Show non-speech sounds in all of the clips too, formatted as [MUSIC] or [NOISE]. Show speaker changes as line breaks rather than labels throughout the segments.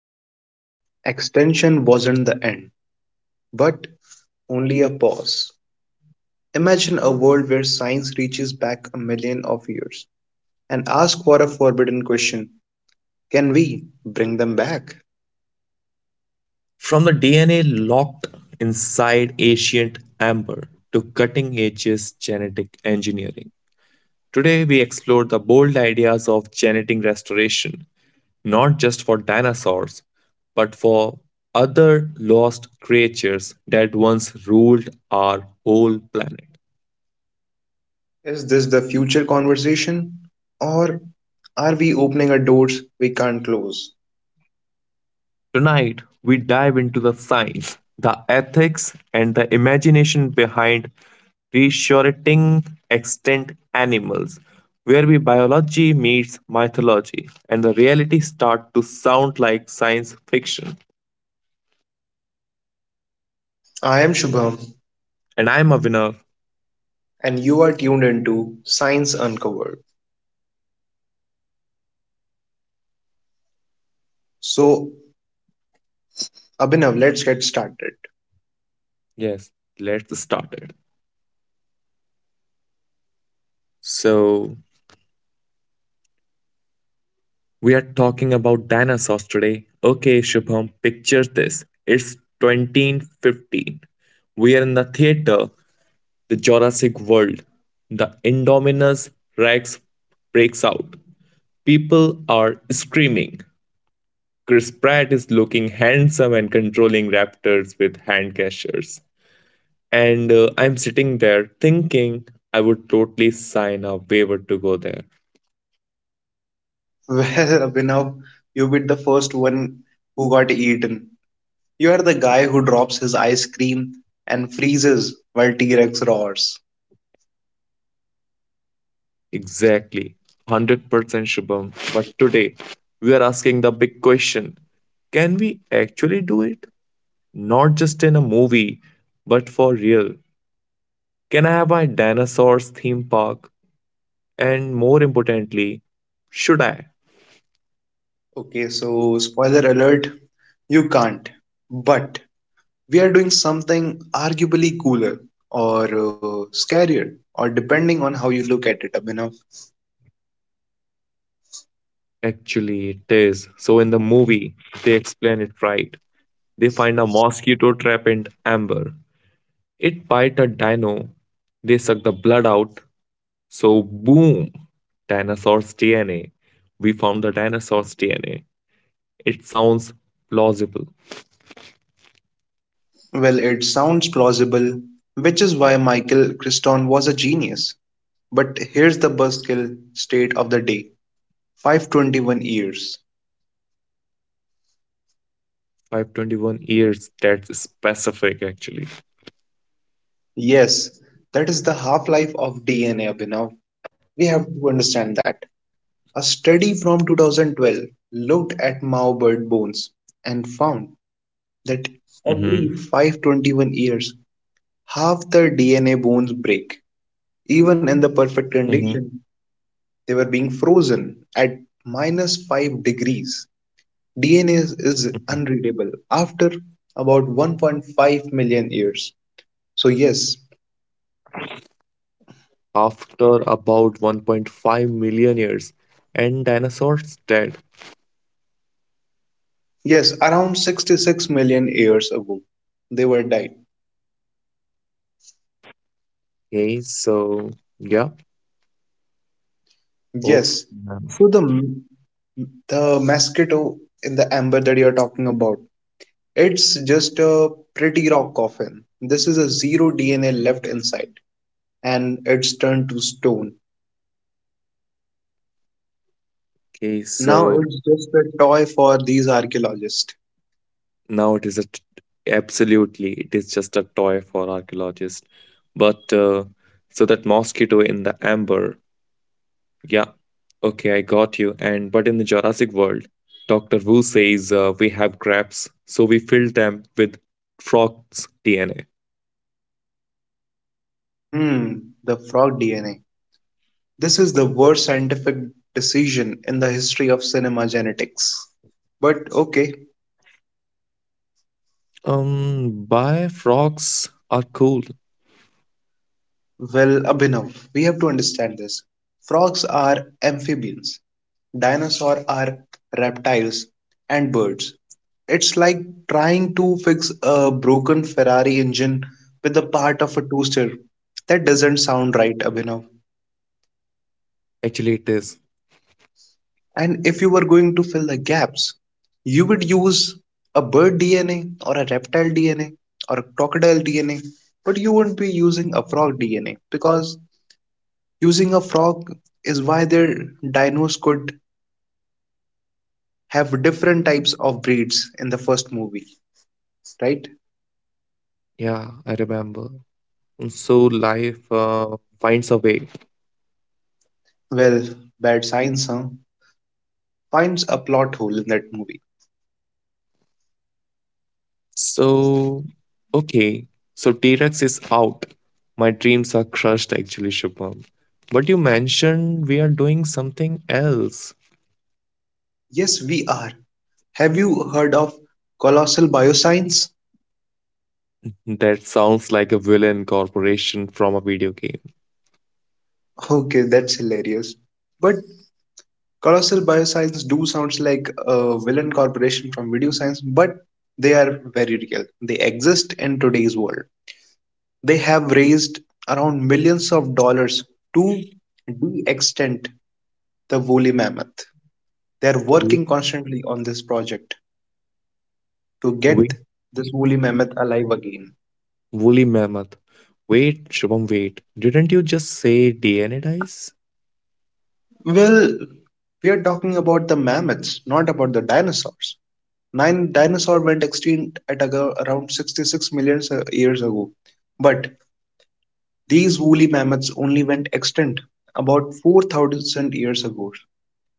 What if extension wasn't the end, but only a pause? Imagine a world where science reaches back a million of years and asks for a forbidden question. Can we bring them back?
From the DNA locked inside ancient amber to cutting edge genetic engineering. Today, we explore the bold ideas of genetic restoration, not just for dinosaurs, but for other lost creatures that once ruled our whole planet.
Is this the future conversation? Or are we opening a doors we can't close?
Tonight, we dive into the science, the ethics, and the imagination behind reassuring extinct animals, where we biology meets mythology and the reality start to sound like science fiction.
I am Shubham,
And I'm Avinav.
and you are tuned into Science Uncovered. So, Abhinav, let's get started.
Yes, let's start it. So, we are talking about dinosaurs today. Okay, Shubham, picture this. It's 2015. We are in the theater the Jurassic world, the Indominus Rex breaks out. People are screaming. Chris Pratt is looking handsome and controlling raptors with hand gestures. And I'm sitting there thinking I would totally sign a waiver to go there.
[LAUGHS] Well, Abhinav, you be the first one who got eaten. You are the guy who drops his ice cream and freezes while T Rex roars.
Exactly. 100% Shubham. But today, we are asking the big question, can we actually do it? Not just in a movie, but for real. Can I have a dinosaurs theme park? And more importantly, should I?
Okay, so spoiler alert, you can't. But we are doing something arguably cooler or scarier, or depending on how you look at it, Abhinav.
Actually, it is. So, in the movie, they explain it right. They find a mosquito trap in amber. It bite a dino. They suck the blood out. So, boom, dinosaur's DNA. We found the dinosaur's DNA. It sounds plausible.
Well, it sounds plausible, which is why Michael Criston was a genius. But here's the buzzkill state of the day: 521 years.
521 years, that's specific actually.
Yes, that is the half life of DNA, Abhinav. We have to understand that. A study from 2012 looked at Mao bird bones and found that
Mm-hmm.
every 521 years, half the DNA bones break. Even in the
Mm-hmm. Mm-hmm.
perfect condition, they were being frozen at minus 5 degrees. DNA is unreadable after about 1.5 million years. So, yes,
After about 1.5 million years and dinosaurs dead.
yes, around 66 million years ago, they were died.
Okay, so yeah, oof.
Yes, so the mosquito in the amber that you're talking about, it's just a pretty rock coffin. This is a zero DNA left inside, and it's turned to stone.
Okay,
Now
so
it's just a toy for these archaeologists.
now it is a absolutely it is just a toy for archaeologists. But so that mosquito in the amber, yeah, okay, I got you. And but in the Jurassic world, Doctor Wu says we have crabs, so we filled them with frogs' DNA.
Hmm, the frog DNA. This is the worst scientific decision in the history of cinema genetics. But okay,
Why frogs are cool?
well, Abhinav, we have to understand this. Frogs are amphibians, dinosaurs are reptiles, and birds. It's like trying to fix a broken Ferrari engine with a part of a toaster. That doesn't sound right, Abhinav.
Actually, it is.
And if you were going to fill the gaps, you would use a bird DNA or a reptile DNA or a crocodile DNA, but you wouldn't be using a frog DNA because using a frog is why their dinos could have different types of breeds in the first movie, right?
Yeah, I remember. So life finds a way.
Well, bad science, huh? Finds a plot hole in that movie.
So, okay. So T-Rex is out. My dreams are crushed, actually, Shubham. But you mentioned we are doing something else.
Yes, we are. Have you heard of colossal bioscience?
That sounds like a villain corporation from a video game.
Okay, that's hilarious. But colossal bioscience do sounds like a villain corporation from video science, but they are very real. They exist in today's world. They have raised around millions of dollars to de extend the woolly mammoth. They are
Wait,
working constantly on this project to
wait,
get this
wait.
woolly mammoth alive again.
Woolly mammoth. Wait, Shubham, wait. Didn't you just say DNA dice?
Well, we are talking about the mammoths, not about the dinosaurs. Nine dinosaur went extinct at around 66 million years ago, but these woolly mammoths only went extinct about 4,000 years ago,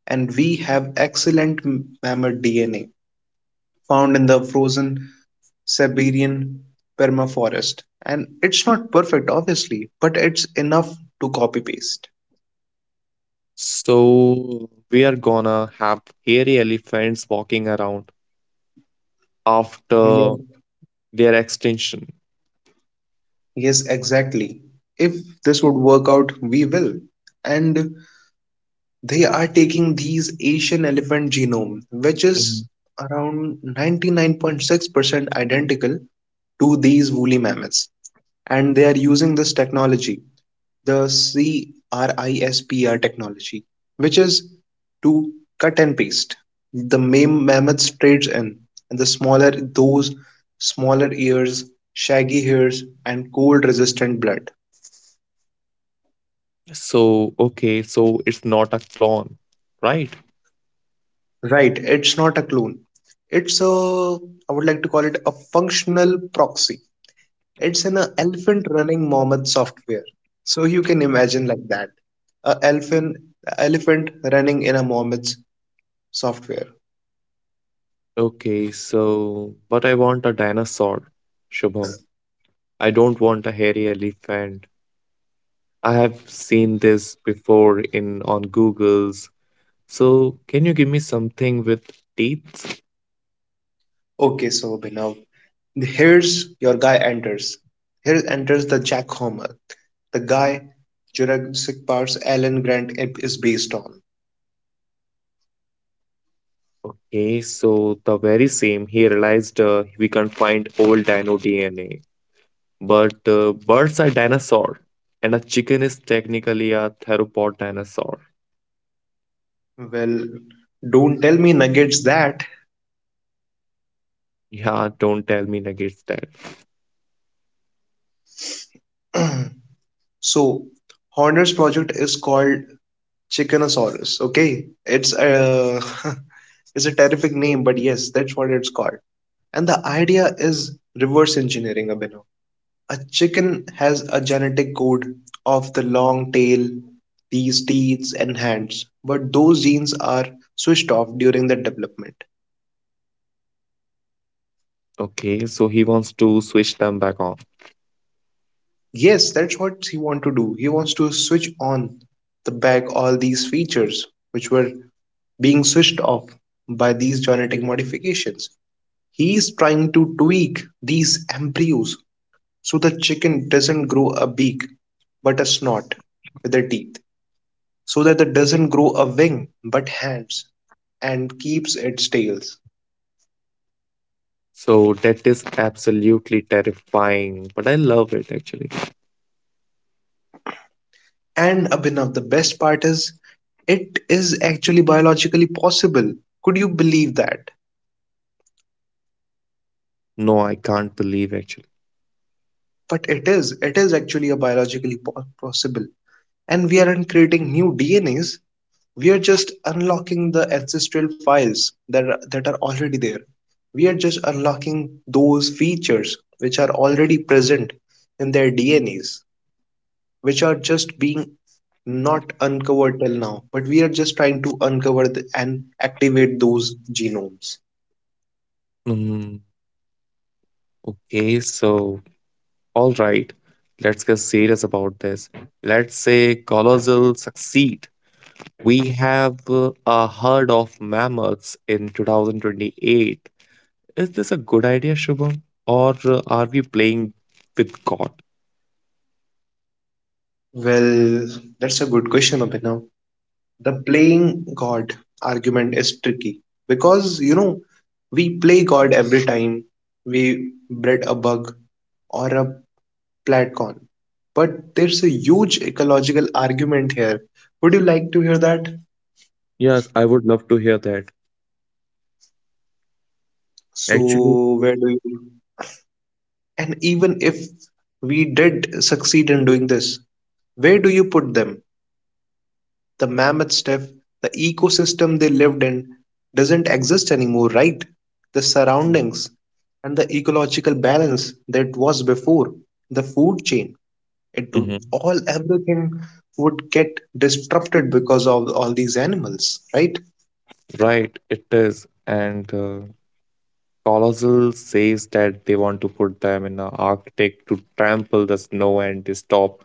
and we have excellent mammoth DNA. Found in the frozen Siberian permafrost. And it's not perfect, obviously, but it's enough to copy paste.
So we are gonna have hairy elephants walking around
Mhm.
after
Yes,
their extinction.
yes, exactly. If this would work out, we will. And they are taking these Asian elephant genome, which is
Mhm.
around 99.6% identical to these woolly mammoths. And they are using this technology, the CRISPR technology, which is to cut and paste. The mammoth trades in, and the smaller those smaller ears, shaggy hairs, and cold resistant blood.
So, okay, so it's not a clone, right?
Right, it's not a clone. It's a, I would like to call it a functional proxy. It's an elephant running mammoth software. So you can imagine like that. A elephant running in a mammoth software.
Okay, so but I want a dinosaur, Shubham. I don't want a hairy elephant. I have seen this before in on Google's. So, can you give me something with teeth?
Okay, so Bhinav, here's your guy enters. Here enters the Jack Homer, the guy Jurassic Park's Alan Grant is based on.
Okay, so the very same. He realized we can't find old dino DNA. But birds are dinosaur, and a chicken is technically a theropod dinosaur.
Well, don't tell me Nuggets that.
Yeah, don't tell me negates that.
[CLEARS THROAT] So, Horner's project is called Chickenosaurus. Okay, it's a [LAUGHS] it's a terrific name, but yes, that's what it's called. And the idea is reverse engineering a bit. A chicken has a genetic code of the long tail, these teeth and hands, but those genes are switched off during the development.
Okay, so he wants to switch them back on.
Yes, that's what he wants to do. He wants to switch on the back all these features which were being switched off by these genetic modifications. He is trying to tweak these embryos so the chicken doesn't grow a beak but a snout with their teeth. So that it doesn't grow a wing but hands and keeps its tails.
So that is absolutely terrifying, but I love it actually.
And Abhinav, the best part is it is actually biologically possible. Could you believe that?
No, I can't believe actually.
But it is. It is actually a biologically possible. And we aren't creating new DNAs. We are just unlocking the ancestral files that are already there. We are just unlocking those features which are already present in their DNAs. Which are just being not uncovered till now, but we are just trying to uncover and activate those genomes.
Mm, okay, so all right, let's get serious about this. Let's say colossal succeed. We have a herd of mammoths in 2028. Is this a good idea, Shubham? Or are we playing with God?
Well, that's a good question, Abhinav. The playing God argument is tricky because you know we play God every time we bred a bug or a platcon, but there's a huge ecological argument here. Would you like to hear that?
Yes, I would love to hear that. Actually,
So, where do you? And even if we did succeed in doing this, where do you put them? The mammoth stiff, the ecosystem they lived in doesn't exist anymore, right? The surroundings and the ecological balance that was before, the food chain, it
mhm.
all everything would get disrupted because of all these animals, right?
Right, it is. And Colossal says that they want to put them in the Arctic to trample the snow and to stop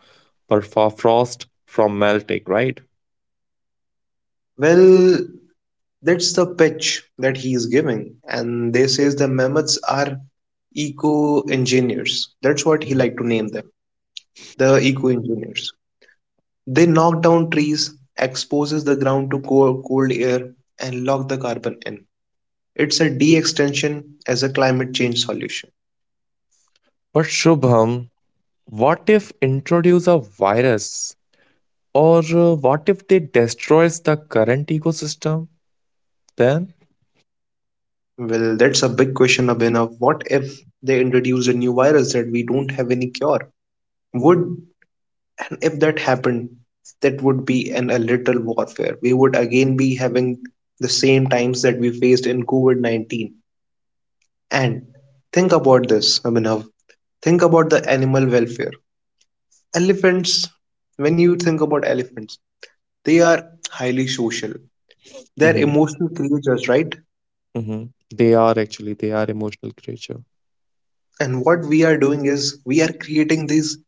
permafrost from melting, right?
Well, that's the pitch that he is giving, and they says the mammoths are eco engineers. That's what he like to name them, the eco engineers. They knock down trees, exposes the ground to cold air, and lock the carbon in. It's a de-extension as a climate change solution.
But Shubham, what if introduce a virus or what if they destroys the current ecosystem then?
Well, that's a big question, Abhinav. What if they introduce a new virus that we don't have any cure? Would If that happened, that would be an a little warfare. We would again be having the same times that we faced in COVID-19. And think about this, Abhinav. Think about the animal welfare. Elephants, when you think about elephants, they are highly social. They are
Hmm,
emotional creatures, right?
hmm. They are actually they are emotional creature.
And what we are doing is we are creating these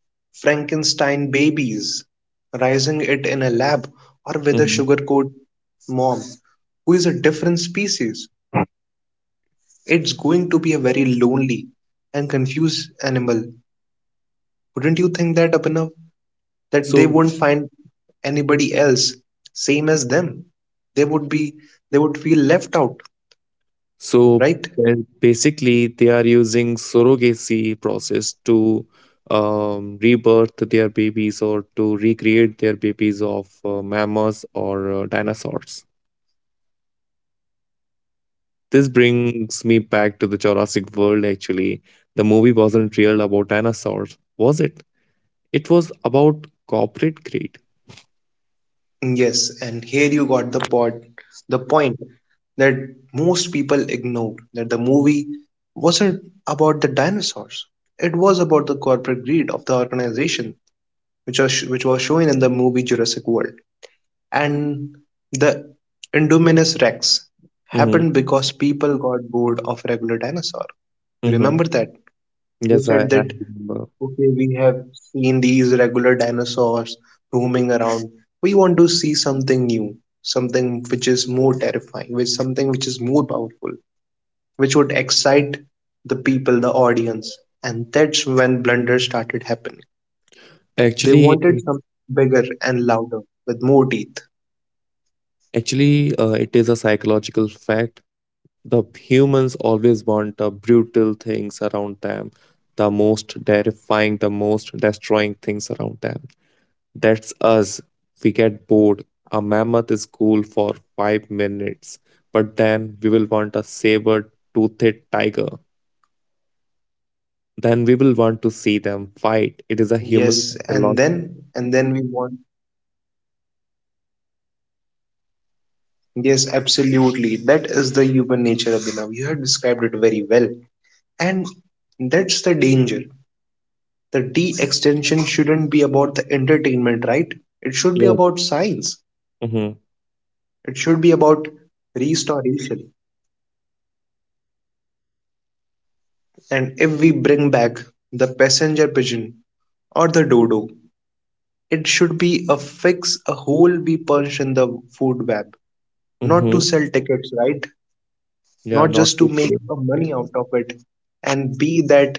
Frankenstein babies, raising it in a lab or with a
Mhm.
sugarcoat mom who is a different species. It's going to be a very lonely and confused animal. Wouldn't you think that, Abhinav? That they
So
won't find anybody else same as them. They would be they would feel left out,
so
right?
uh, basically they are using surrogacy process to rebirth their babies or to recreate their babies of mammals or dinosaurs. This brings me back to the Jurassic World actually. The movie wasn't real about dinosaurs, was it? It was about corporate greed.
Yes, and here you got the point that most people ignore that the movie wasn't about the dinosaurs. It was about the corporate greed of the organization, which was shown in the movie Jurassic World. And the Indominus Rex
Mm-hmm.
happened because people got bored of regular dinosaur.
Mm-hmm.
Remember that they
Yes, I,
said
I
that,
remember.
okay, we have seen these regular dinosaurs roaming around. We want to see something new, something which is more terrifying, which something which is more powerful, which would excite the people, the audience. And that's when blunders started happening. They
Actually, it
wanted
is-
something bigger and louder, with more teeth.
Actually, it is a psychological fact. The humans always want the brutal things around them, the most terrifying, the most destroying things around them. That's us. We get bored. A mammoth is cool for 5 minutes, but then we will want a saber-toothed tiger. Then we will want to see them fight. It is a human
Yes, and
psychology.
then and then we want, yes, absolutely. That is the human nature, Abhinav. You have described it very well. And that's the danger. The D extension shouldn't be about the entertainment, right? It should be
Yes.
about science.
Mm-hmm.
It should be about restoration. And if we bring back the passenger pigeon or the dodo, it should be a fix, a hole we punch in the food web. Not
Mm-hmm.
to sell tickets, right?
Yeah,
Not
not
just
to
to
say.
make a money out of it and be that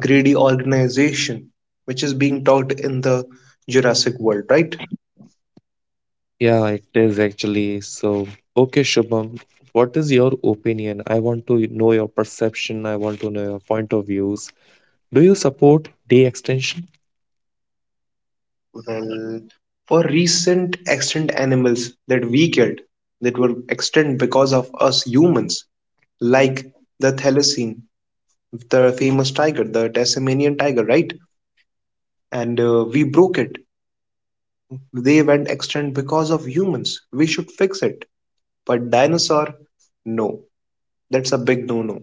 greedy organization which is being talked in the Jurassic world, right?
Yeah, it is actually. So, okay, Shubham, what is your opinion? I want to know your perception. I want to know your point of views. Do you support day extension?
Well, for recent extinct animals that we get that were extinct because of us humans, like the thylacine, the famous tiger, the Tasmanian tiger, right? And we broke it. They went extinct because of humans. We should fix it. But dinosaur, no. That's a big no-no.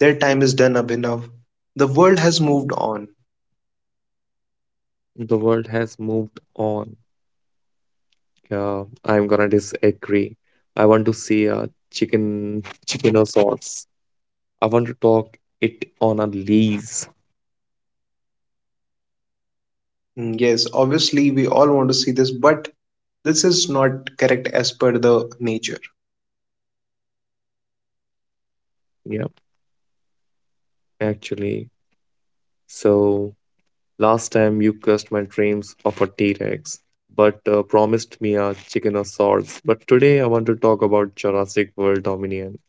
Their time is done, up enough. The world has moved on.
The world has moved on. Yeah, I'm gonna disagree. I want to see a chicken or sauce. I want to talk it on a lease.
Mm, yes, obviously we all want to see this, but this is not correct as per the nature.
Yeah, actually. So last time you cursed my dreams of a T-Rex, but promised me a chicken or sauce. But today I want to talk about Jurassic World Dominion.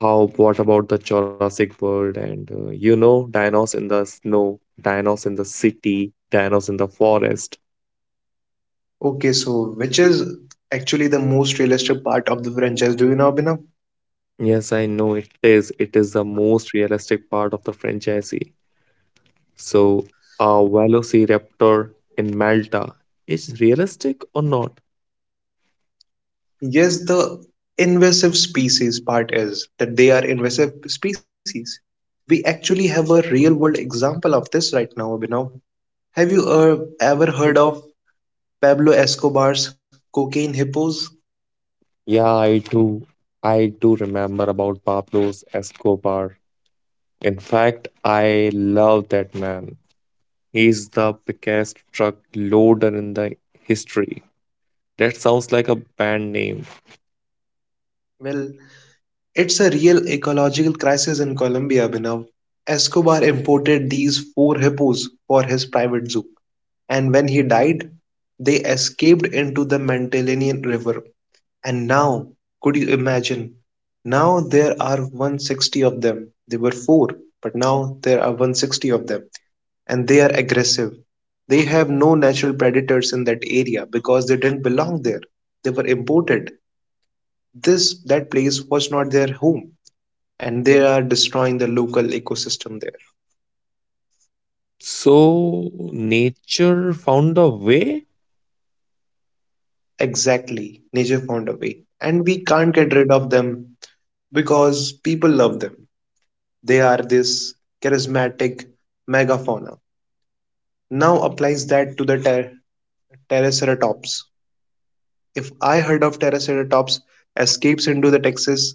How? What about the Jurassic World and you know, dinos in the snow, dinos in the city, dinos in the forest.
Okay, so which is actually the most realistic part of the franchise? Do you know, Abhinav?
Yes, I know it is. It is the most realistic part of the franchisee. So, a Velociraptor in Malta is realistic or not?
Yes, the invasive species part is that they are invasive species. We actually have a real world example of this right now, Abhinav. Have you ever heard of Pablo Escobar's cocaine hippos?
Yeah, I do. I do remember about Pablo Escobar. In fact, I love that man. He's the biggest truck loader in the history. That sounds like a band name.
Well, it's a real ecological crisis in Colombia, Abhinav. Escobar imported these four hippos for his private zoo. And when he died, they escaped into the Magdalenian River. And now, could you imagine? Now there are 160 of them. They were four, but now there are 160 of them, and they are aggressive. They have no natural predators in that area because they didn't belong there. They were imported. This that place was not their home, and they are destroying the local ecosystem there.
So, nature found a way?
Exactly, nature found a way, and we can't get rid of them because people love them. They are this charismatic megafauna. Now applies that to the Triceratops. If I heard of Triceratops escapes into the Texas,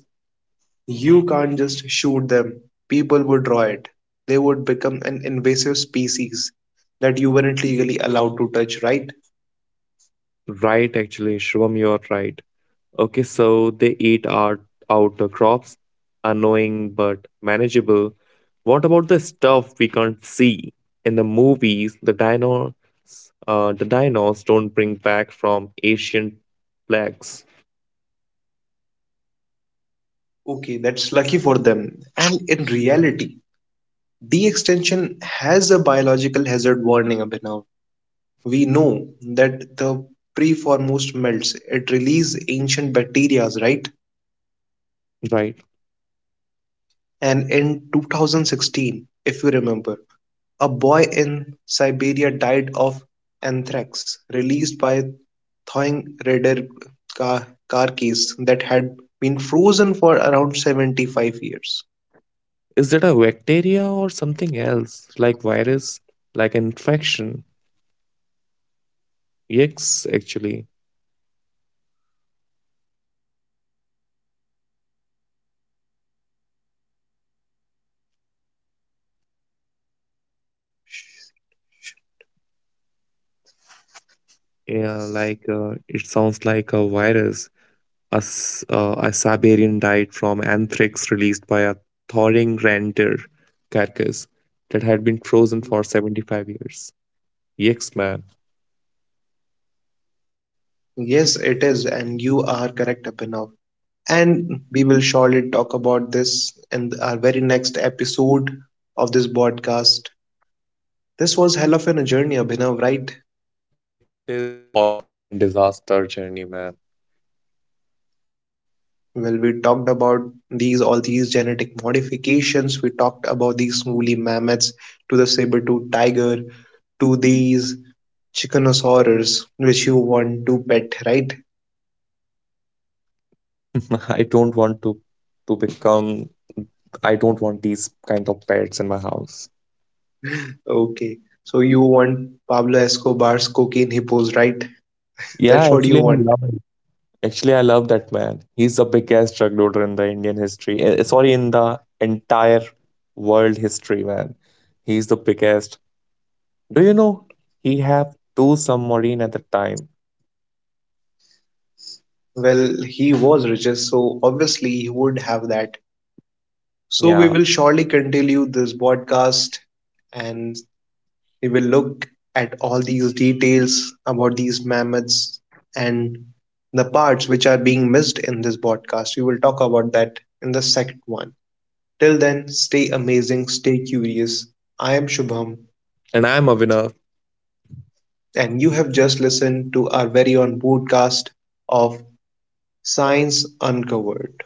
you can't just shoot them. People would draw it. They would become an invasive species that you weren't legally allowed to touch, right?
Right, actually, Shubham, you're right. Okay, so they eat out the crops, annoying but manageable. What about the stuff we can't see? In the movies, the dinos don't bring back from ancient plagues,
Okay, that's lucky for them. And in reality, de-extinction has a biological hazard warning, Abhinav. We know that the pre foremost melts. It released ancient bacterias, right?
right?
And in 2016, if you remember, a boy in Siberia died of anthrax released by thawing radar car case that had been frozen for around 75 years.
Is it a bacteria or something else, like virus, like infection? Yes, actually, yeah, like it sounds like a virus. A Siberian died from anthrax released by a thawing reindeer carcass that had been frozen for 75 years. Yes, man.
Yes, it is, and you are correct, Abhinav. And we will surely talk about this in our very next episode of this podcast. This was hell of a journey, Abhinav, right?
Disaster journey, man.
Well, we talked about these all these genetic modifications. We talked about these woolly mammoths to the saber-tooth tiger to these chickenosaurs, which you want to pet, right?
[LAUGHS] I don't want to become. I don't want these kind of pets in my house.
Okay, so you want Pablo Escobar's cocaine hippos, right?
Yeah,
That's what you
actually, I
want.
love it. Actually, I love that man. He's the biggest drug lorder in the Indian history. Eh, sorry, in the entire world history, man. He's the biggest. Do you know he have two submarine at the time?
Well, he was richest, so obviously he would have that. So we will
Yeah,
surely continue this podcast and we will look at all these details about these mammoths and the parts which are being missed in this podcast. We will talk about that in the second one. Till then, stay amazing, stay curious. I am Shubham,
and I'm a winner.
and you have just listened to our very own podcast of Science Uncovered.